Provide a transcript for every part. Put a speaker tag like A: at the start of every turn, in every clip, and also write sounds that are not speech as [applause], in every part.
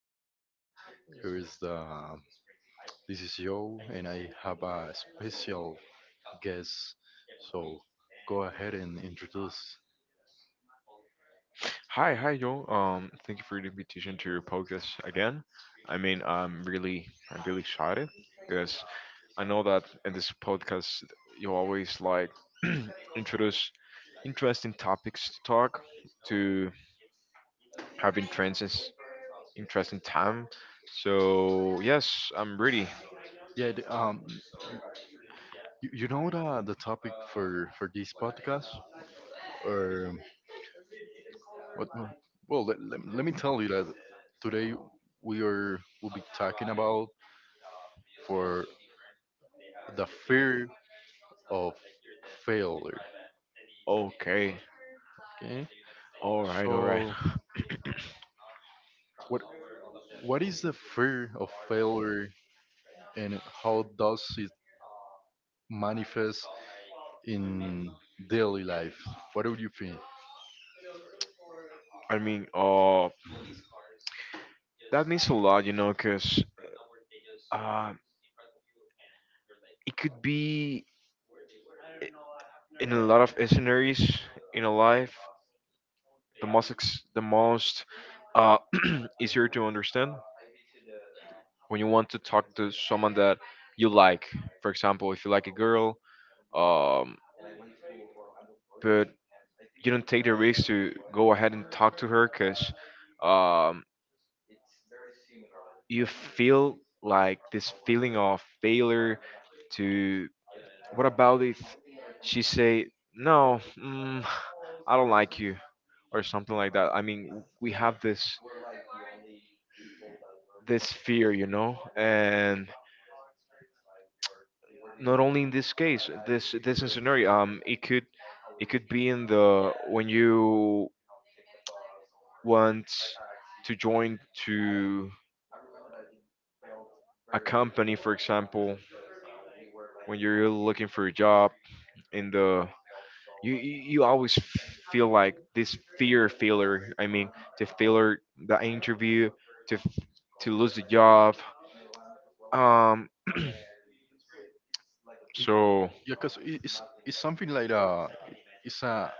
A: podcast. Here is the This is Joe, and I have a special guest. So go ahead and introduce.
B: Hi, Joel. Thank you for the invitation to your podcast again. I mean, I'm really excited because I know that in this podcast you always like [clears throat] introduce interesting topics to talk, to have interesting time. So yes, I'm ready.
A: Yeah, the- um, you know the topic for this podcast, or what? Let me tell you that today we are will be talking about for the fear of failure.
B: Okay,
A: Okay,
B: all right.
A: so
B: [sighs]
A: what what is the fear of failure and how does it manifest in daily life? What would you think?
B: [laughs] I mean, that means a lot, you know, because uh, it could be. In a lot of scenarios in a life. The the most uh, [clears throat] easier to understand when you want to talk to someone that you like. For example, if you like a girl, um, but you don't take the risk to go ahead and talk to her because, um, you feel like this feeling of failure. To What about if she say no, I don't like you, or something like that? I mean, we have this, this fear, you know, and not only in this case, this is scenario. It could, it could be in the, when you want to join to a company, for example, when you're really looking for a job in the, you always feel like this fear failure. I mean, to failure the interview, to f- to lose the job. Um, so
A: Yeah, because it's something like it's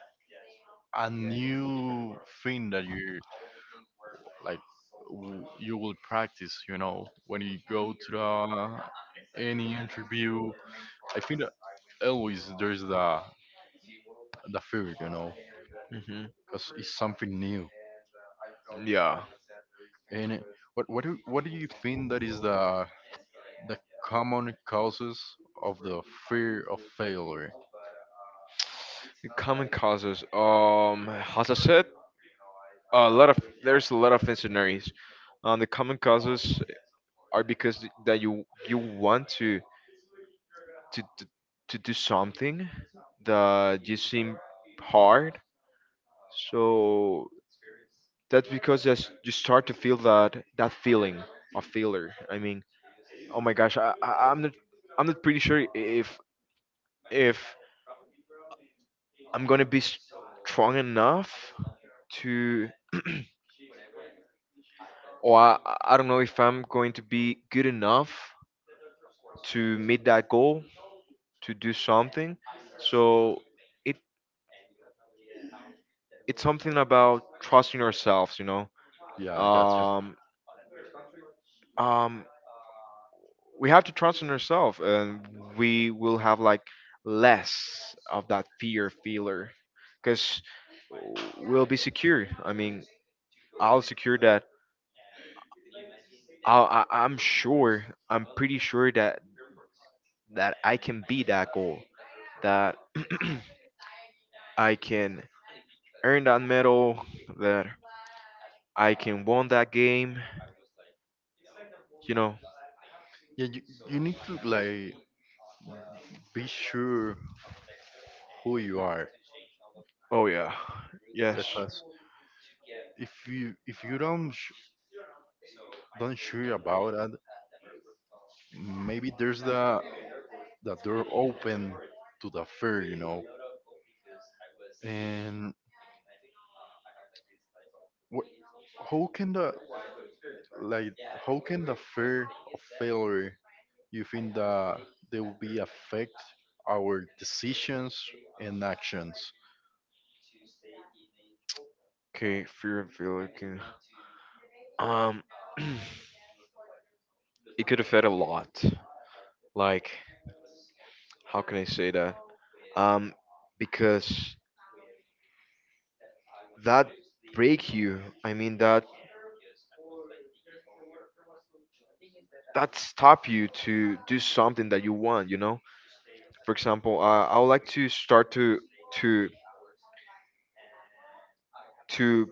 A: a new thing that you like you will practice, you know, when you go to the any interview. I think that always there's the fear, you know,
B: mhm,
A: because it's something new.
B: yeah.
A: And what do you think that is the common causes of the fear of failure?
B: The common causes. As I said, a lot of there's a lot of scenarios. The common causes are because that you want to to, to do something that you seem hard. So that's because that's, you start to feel that that feeling of failure. I mean, oh my gosh, I'm not, I'm not pretty sure if I'm gonna be strong enough to. Or I don't know if I'm going to be good enough to meet that goal, to do something. So it, it's something about trusting ourselves, you know.
A: Yeah, I gotcha.
B: Um, um, we have to trust in ourselves, and we will have like less of that fear feeler, because we'll be secure. I mean, I'll secure that. I'm sure. I'm pretty sure that that I can be that goal. That [clears throat] I can earn that medal, that I can won that game, you know.
A: Yeah, you need to, like, be sure who you are.
B: Oh yeah. Yes.
A: Because if you don't sure about that, maybe there's the door open to the fair, you know. And what, how can the like how can the fear of failure, you think that they will be affect our decisions and actions?
B: Okay, fear and failure can um [clears throat] it could affect a lot. Like, how can I say that? Um because that break you. I mean that, that stop you to do something that you want, you know? For example, I would like to start to to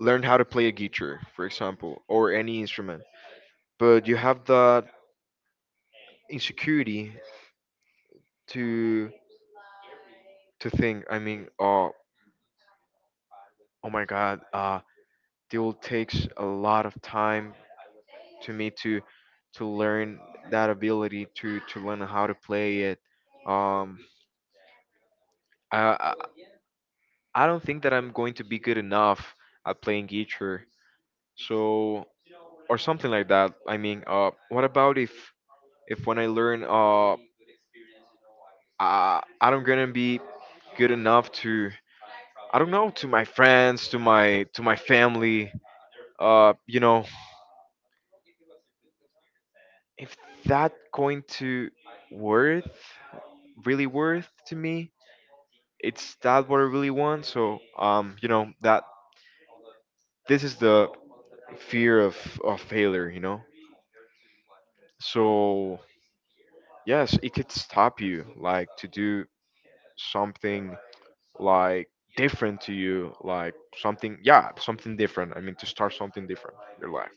B: learn how to play a guitar, for example, or any instrument, but you have that insecurity to to think. I mean, oh, oh my god, it will takes a lot of time to me to learn that ability to learn how to play it. um i i, I don't think that I'm going to be good enough at playing guitar, so, or something like that. I mean, what about if when I learn, I'm gonna be good enough to, I don't know, to my friends, to my family. You know, if that going to worth, really worth to me, it's that what I really want. So, you know, that this is the fear of failure. You know, so yes, it could stop you like to do something like different to you, like something, yeah, something different. I mean, to start something different in your life.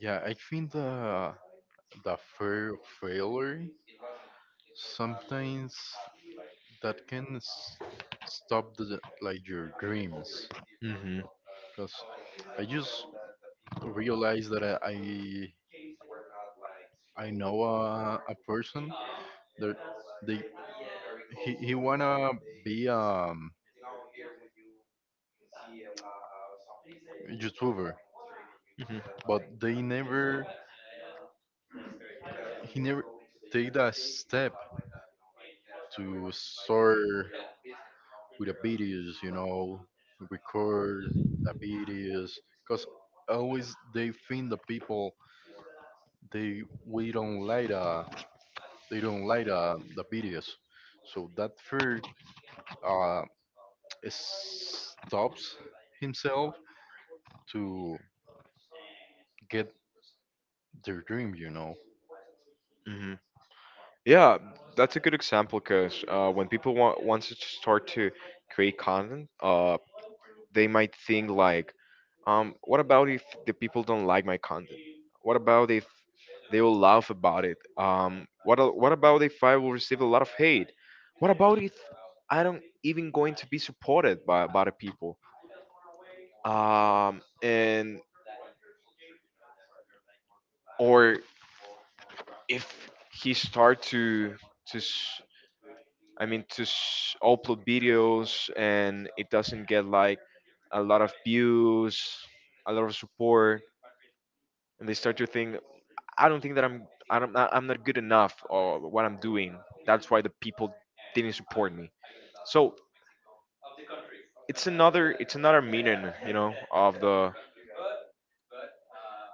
A: Yeah, I think the fear of failure sometimes that can s- stop the, like, your dreams,
B: hmm
A: because I just realized that I know a person that they he wanna be YouTuber,
B: hmm
A: but they never he never take that step to start with the videos, you know, record the videos, because always they think the people they we don't like the they don't like the videos, so that fear uh, stops himself to get their dream, you know.
B: hmm Yeah, that's a good example because when people wants to start to create content, they might think like, what about if the people don't like my content? What about if they will laugh about it? Um, what about if I will receive a lot of hate? What about if I don't even going to be supported by the people? And or if he start to s- I mean upload videos and it doesn't get like a lot of views, a lot of support, and they start to think, I don't think that I'm I don't I'm not good enough or what I'm doing. That's why the people didn't support me. So it's another, it's another meaning, you know, of the,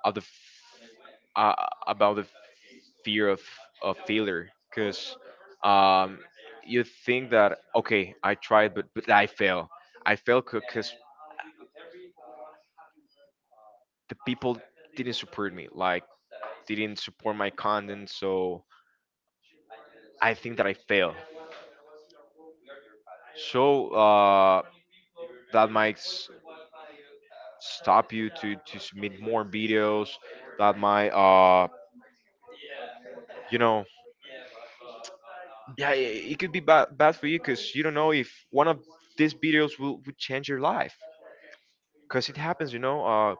B: of the f- about the fear of failure. Because, um, you think that okay I tried but I fail. I fail because the people didn't support me, like didn't support my content. So I think that I fail. So that might stop you to submit more videos. That might you know, yeah, it could be bad, bad for you because you don't know if one of these videos will change your life, because it happens, you know. uh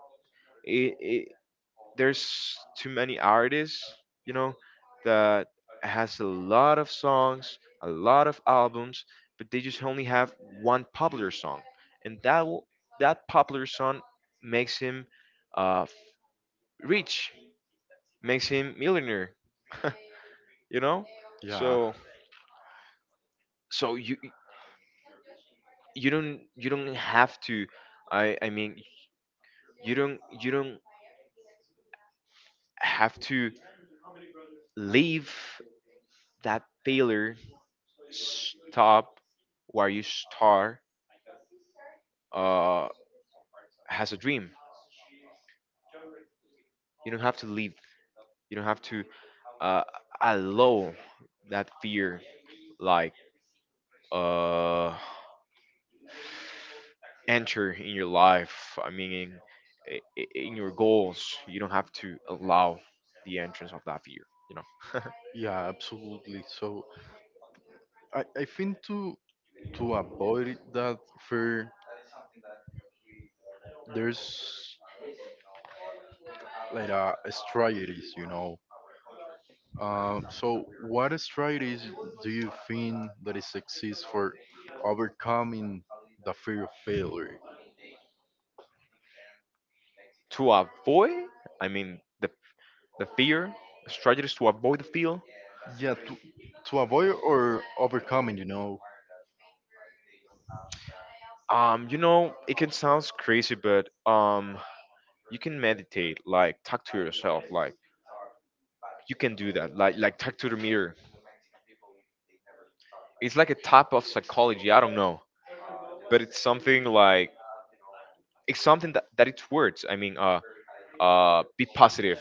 B: it, it there's too many artists, you know, that has a lot of songs, a lot of albums, but they just only have one popular song, and that popular song makes him, uh, rich, makes him millionaire, [laughs] you know.
A: Yeah,
B: So, so you, you don't have to, I mean you don't, you don't have to leave that failure stop where you start. uh, has a dream. You don't have to leave. You don't have to, uh, allow that fear like, uh, enter in your life. I mean, in your goals, you don't have to allow the entrance of that fear. You know,
A: yeah, absolutely. So I think to avoid that fear there's, like, strategies, you know. So what strategies do you think that is exists for overcoming the fear of failure?
B: [laughs] to avoid. I mean, the fear, strategies to avoid the fear.
A: Yeah, to avoid or overcoming, you know.
B: You know, it can sound crazy, but you can meditate, like talk to yourself, like you can do that, like talk to the mirror. It's like a type of psychology, I don't know, but it's something like, it's something that, that it's words. I mean, be positive,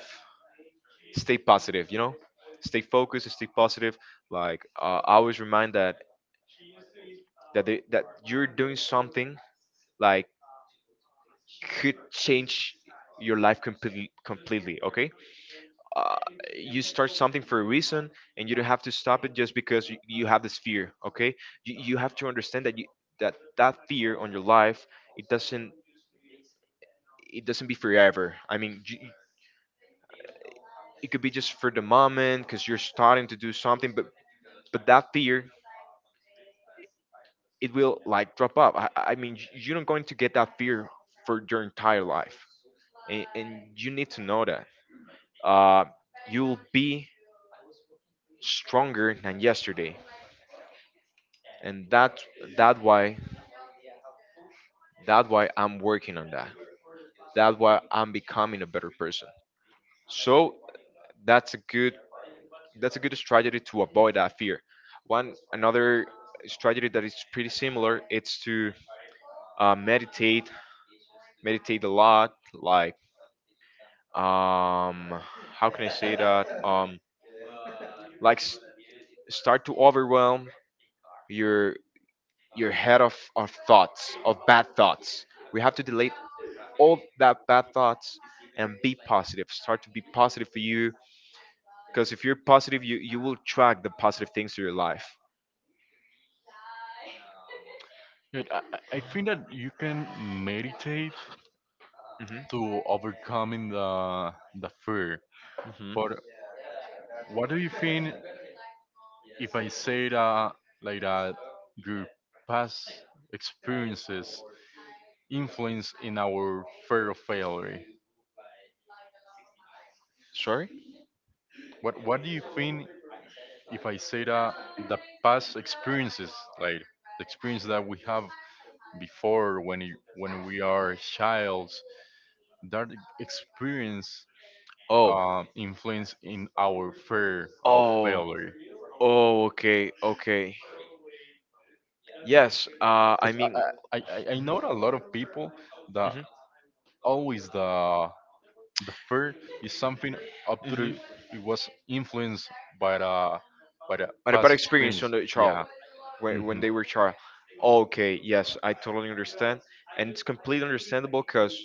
B: stay positive, you know, stay focused, stay positive. Like, I always remind that, that you're doing something like could change your life completely, completely, okay? uh, you start something for a reason, and you don't have to stop it just because you have this fear, okay? You have to understand that you that that fear on your life, it doesn't, it doesn't be forever. I mean, it could be just for the moment because you're starting to do something, but that fear, it will like drop up. I mean, you're not going to get that fear for your entire life, and you need to know that, uh, you'll be stronger than yesterday, and that why that's why I'm working on that. That's why I'm becoming a better person. So that's a good that's a good strategy to avoid that fear. One another strategy that is pretty similar, it's to uh, meditate, meditate a lot. Like um, how can I say that? Like start to overwhelm your your head of thoughts, of bad thoughts. We have to delete all that bad thoughts and be positive. Start to be positive for you. Because if you're positive, you will track the positive things to your life.
A: Good. I, I think that you can meditate
B: hmm
A: to overcoming the fear.
B: hmm
A: But what do you think if I say that like that your past experiences influence in our fear of failure?
B: Sorry.
A: What do you think if I say that the past experiences, like the experience that we have before when you, when we are child, that experience
B: Oh.
A: influence in our fear of
B: Oh.
A: failure.
B: Oh. Okay. Okay. Yes. I
A: Because
B: mean.
A: I know a lot of people that
B: hmm
A: always the fear is something up to the,
B: hmm
A: it was influenced by the by the
B: But a bad
A: past
B: experience
A: experience.
B: on the child,
A: Yeah.
B: when
A: Hmm.
B: they were child. Okay. Yes. I totally understand, and it's completely understandable because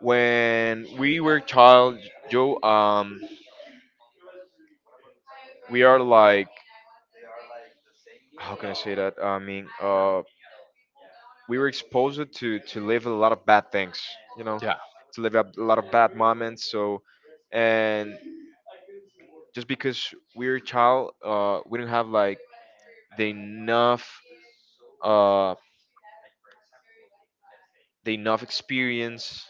B: when we were child, Joe. We are like, how can I say that? I mean, we were exposed to live a lot of bad things, you know,
A: Yeah.
B: to live a lot of bad moments. So, and just because we were a child, we didn't have like the enough, uh, experience,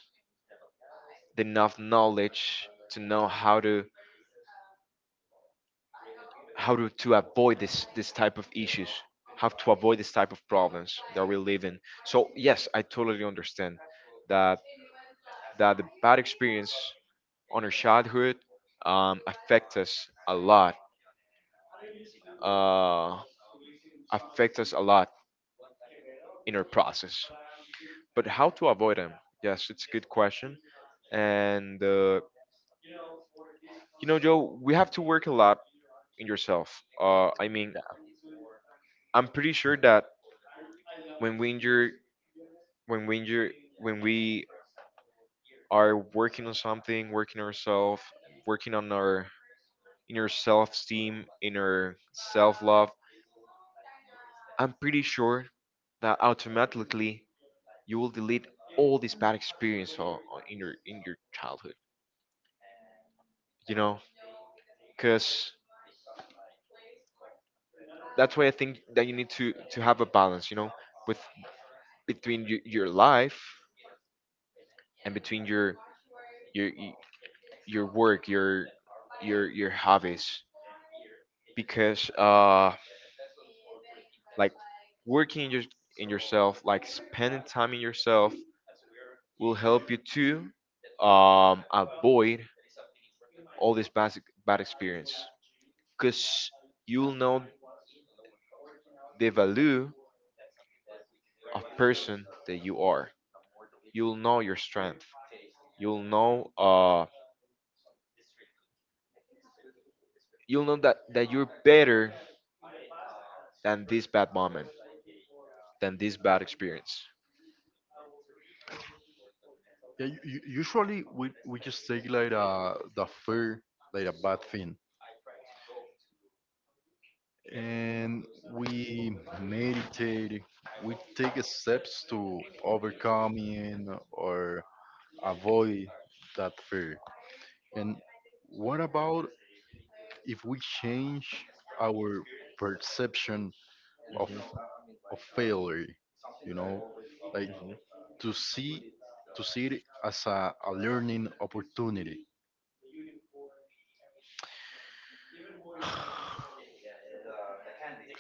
B: the enough knowledge to know how to, to avoid this, this type of issues, how to avoid this type of problems that we live in. So yes, I totally understand that, that the bad experience on our childhood, affect us a lot, uh, affect us a lot in our process. But how to avoid them? Yes, it's a good question. And you know, Joe, we have to work a lot in yourself. I mean,
A: Yeah.
B: I'm pretty sure that when we injure, when we injure, when we are working on something, working ourselves, working on our inner self-esteem, inner self-love, I'm pretty sure that automatically you will delete all this bad experience in your, in your childhood. You know, because that's why I think that you need to have a balance. You know, with, between your life, and between your, your work, your hobbies. Because like working in your, in yourself, like spending time in yourself, will help you to avoid all this bad, bad experience, because you'll know the value of person that you are. You'll know your strength. You'll know, you'll know that, that you're better than this bad moment, than this bad experience.
A: Yeah, usually we just take like the fear like a bad thing, and we meditate, we take steps to overcoming or avoid that fear. And what about if we change our perception of
B: hmm
A: of failure? You know, like
B: hmm
A: to see, to see it as a learning opportunity.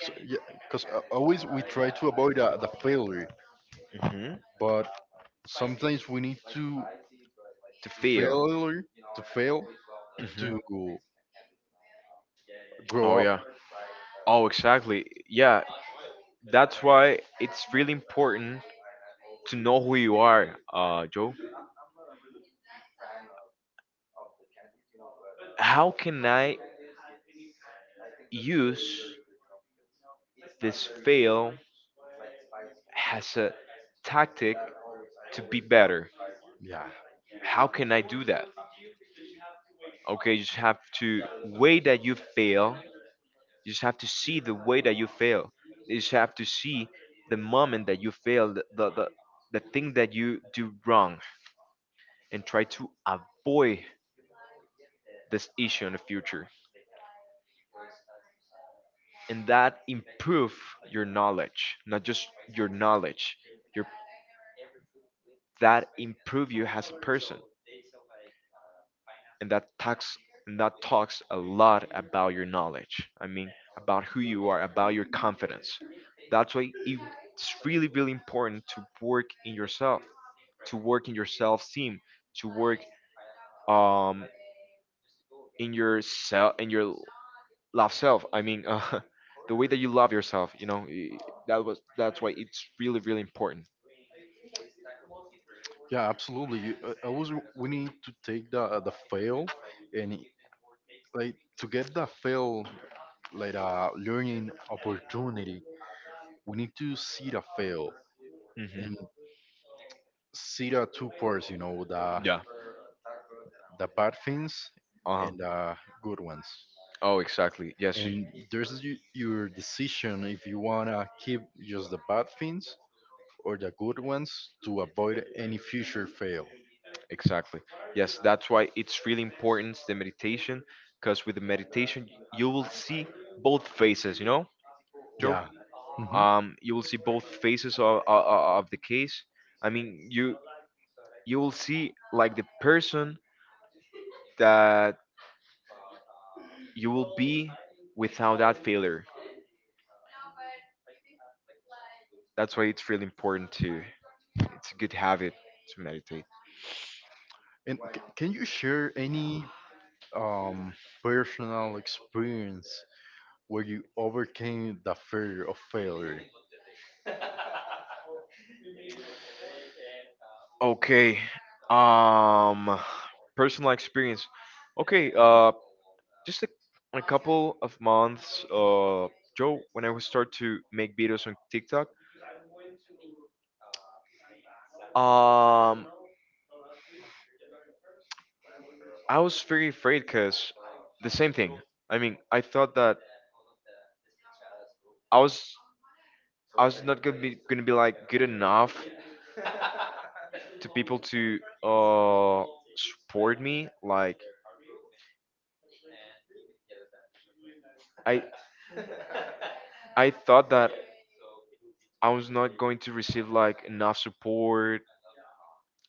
A: So, yeah, because always we try to avoid the failure,
B: hmm
A: but sometimes we need to
B: to feel.
A: failure, to fail to
B: Hmm. Oh
A: grow up.
B: yeah. Oh exactly. Yeah. That's why it's really important to know who you are, Joe. How can I use this fail as a tactic to be better?
A: Yeah.
B: How can I do that? Okay, you just have to way that you fail. You just have to see the way that you fail. You just have to see the moment that you fail, the thing that you do wrong, and try to avoid this issue in the future. And that improve your knowledge, not just your knowledge, your that improve you as a person. and that talks and that talks a lot about your knowledge. I mean, about who you are, about your confidence. That's why it's really really important to work in yourself, to work in your self esteem, to work um in your love self. I mean, [laughs] the way that you love yourself. You know, that's why it's really really important.
A: Yeah, absolutely. Always, we need to take the fail and i- like to get the fail like a learning opportunity. We need to see the fail
B: Hmm.
A: and see the two parts. You know,
B: Yeah.
A: the bad things
B: Uh huh.
A: and the good ones.
B: Oh, exactly. Yes.
A: And there's your decision if you wanna keep just the bad things or the good ones to avoid any future fail.
B: Exactly. Yes, that's why it's really important the meditation, because with the meditation you will see both faces, you know, Joe.
A: Yeah. Hmm.
B: You will see both faces of the case. I mean, you will see like the person that you will be without that failure. That's why it's really important to it's a good habit to meditate.
A: And can you share any um, personal experience where you overcame the fear of failure?
B: Okay. Um Personal experience. Okay, just a couple of months, Joe, when I was start to make videos on TikTok. um I was very afraid because the same thing. I mean, I thought that i was I was not gonna be like good enough to people to support me, like i I thought that I was not going to receive like enough support.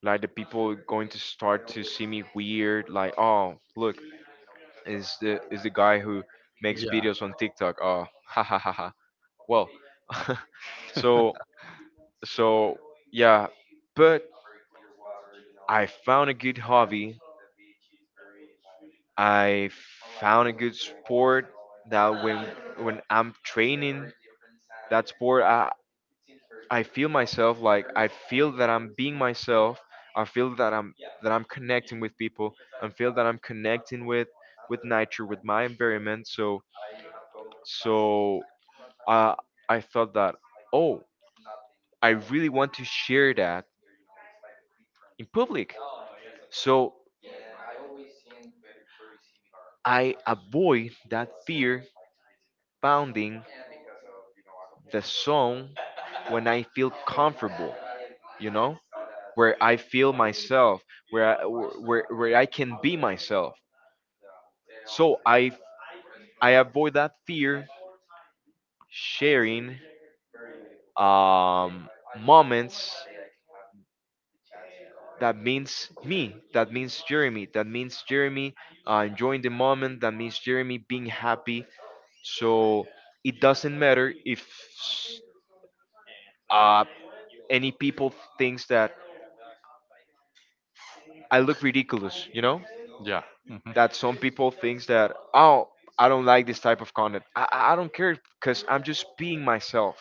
B: Like the people going to start to see me weird. Like, oh, look, is the guy who makes
A: Yeah.
B: videos on TikTok. Oh, [laughs] ha ha ha ha. Well, [laughs] so so yeah, but I found a good hobby. I found a good sport that when I'm training that sport, I feel myself, like I feel that I'm being myself. I feel that I'm connecting with people. I feel that I'm connecting with nature, with my environment. So uh, I thought that, oh, I really want to share that in public. So I avoid that fear pounding the song when I feel comfortable, you know, where I feel myself, where I can be myself. So I avoid that fear sharing um, moments that means Jeremy, enjoying the moment, that means Jeremy being happy. So it doesn't matter if uh, any people thinks that I look ridiculous, you know.
A: Yeah. Hmm.
B: That some people thinks that, oh, I don't like this type of content. I don't care because I'm just being myself.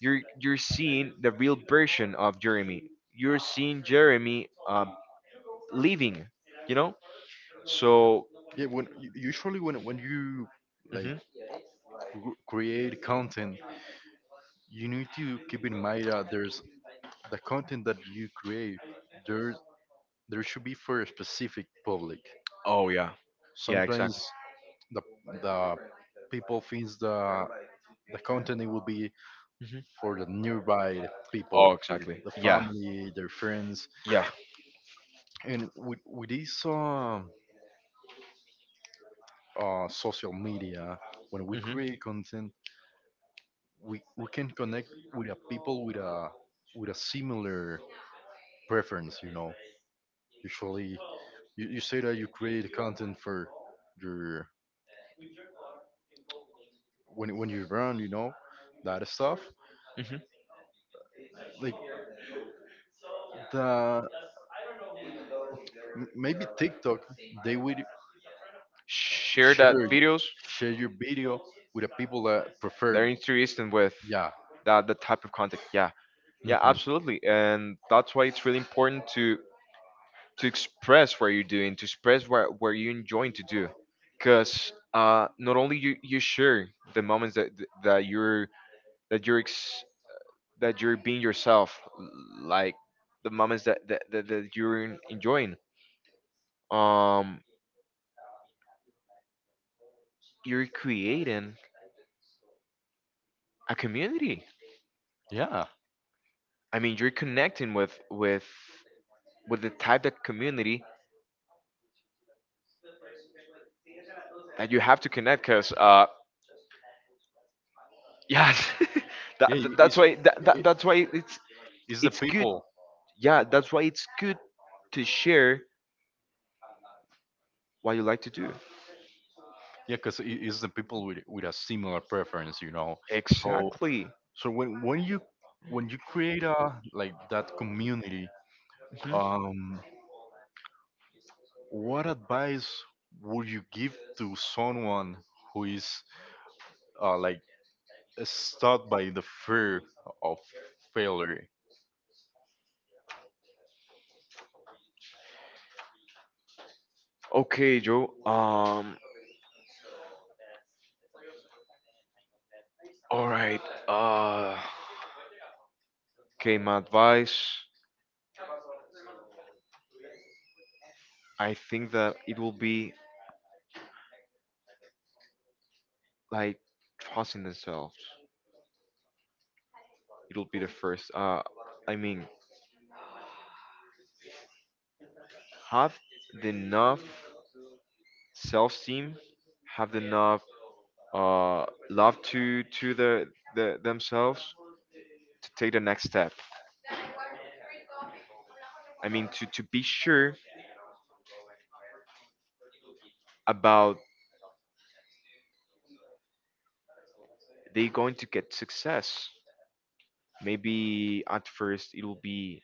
B: You're seeing the real version of Jeremy. You're seeing Jeremy living, you know. So.
A: Yeah. When usually when you, like,
B: Mhm.
A: create content, you need to keep in mind that there's the content that you create. There there should be for a specific public.
B: Oh yeah. Yeah, exactly.
A: Sometimes the the people thinks the content it will be
B: Hmm.
A: for the nearby
B: Oh,
A: people, for
B: exactly.
A: the
B: Yeah.
A: family, their friends,
B: Yeah.
A: and with this social media, when we
B: Hmm.
A: create content, we can connect with a people with a similar preference. You know, usually you say that you create content for your when you run, you know, that stuff
B: Hmm.
A: like. The, m- maybe TikTok, they would
B: Share
A: share
B: that videos.
A: share your video with the people that
B: They're
A: prefer.
B: interested with
A: Yeah.
B: that type of content. Yeah. Yeah,
A: Hmm.
B: absolutely. And that's why it's really important to express what you're doing, to express what you're enjoying to do. Because not only you share the moments that you're that you're ex- that you're being yourself, like the moments that you're enjoying. Um, you're creating a community.
A: Yeah.
B: I mean, you're connecting with the type of community that you have to connect, because yes. [laughs]
A: yeah it-
B: That's
A: it's
B: why
A: it,
B: that's why
A: it's the
B: it's good.
A: people.
B: Yeah, that's why it's good to share what you like to do.
A: Yeah, because it's the people with a similar preference, you know. So
B: Exactly.
A: so when you create a, like, that community,
B: Mhm.
A: um what advice would you give to someone who is like, stuck by the fear of failure?
B: Okay, Joe. All right. Uh, okay, my advice. I think that it will be like trusting themselves. It'll be the first. I mean, have the enough self-esteem, have the enough love to the themselves to take the next step. I mean, to be sure about they going to get success. Maybe at first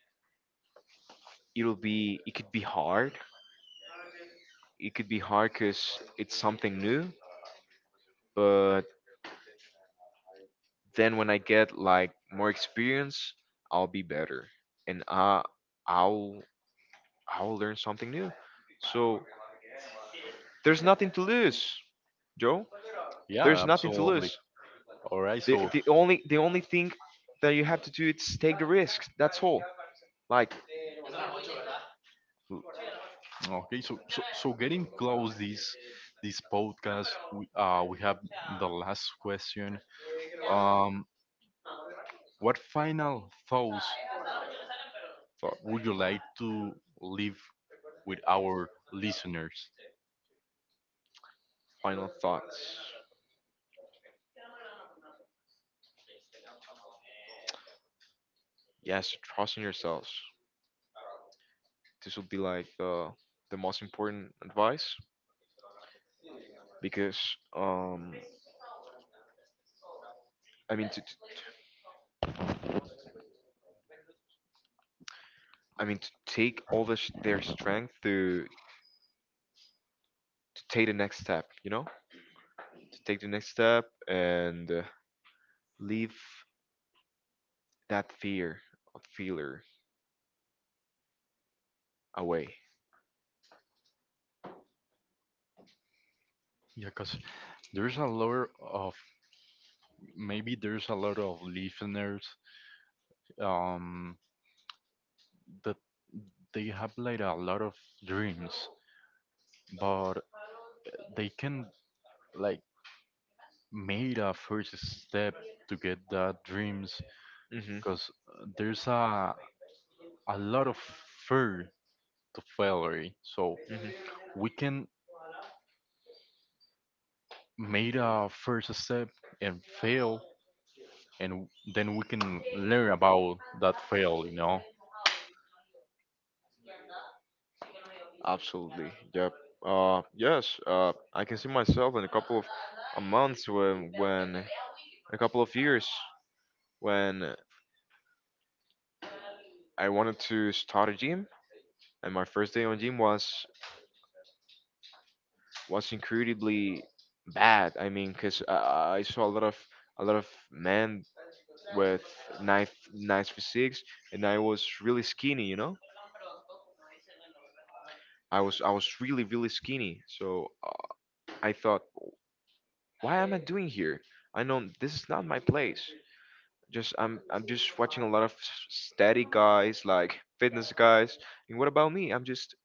B: it'll be it could be hard it could be hard because it's something new, but then when I get like more experience, I'll be better, and i'll I'll learn something new. So there's nothing to lose, Joe. There's
A: Yeah,
B: nothing to
A: absolutely.
B: lose.
A: All right.
B: the,
A: So
B: the only the only thing that you have to do is take the risks, that's all. like l-
A: okay. So so getting close this this podcast. We have the last question. Um, what final thoughts
B: thought,
A: would you
B: uh,
A: like to leave with our listeners?
B: Final thoughts. Yes, trust in yourselves. This will be like the most important advice, because um I mean to, to I mean to take all this their strength to take the next step, you know, to take the next step, and leave that fear of failure away.
A: Yeah, because there's a lot of, maybe there's a lot of listeners um, that they have like a lot of dreams, but they can, like, made a first step to get that dreams
B: Hmm.
A: because there's a lot of fear to failure. So
B: Hmm.
A: we can made a first step and fail, and then we can learn about that fail. You know.
B: Absolutely. Yep. Yes. I can see myself in a couple of months when a couple of years when I wanted to start a gym, and my first day on gym was incredibly bad. I mean, because I saw a lot of men with nice physiques, and I was really skinny. You know, I was really really skinny. So I thought, why am I doing here? I know this is not my place. Just I'm just watching a lot of steady guys, like fitness guys, and what about me?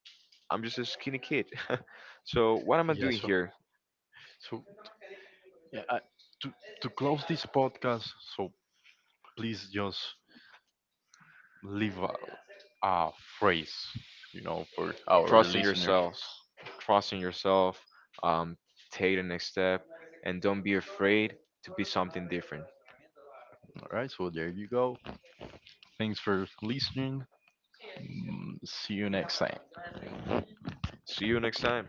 B: I'm just a skinny kid. [laughs] So what am I
A: Yeah.
B: doing
A: So
B: here?
A: so yeah, to to close this podcast, so please just leave a phrase, you know, for our
B: Trust in
A: listeners.
B: yourself. Trust in yourself. Um, Take the next step, and don't be afraid to be something different.
A: All right, so there you go. Thanks for listening. Mm, see you next time.
B: See you next time.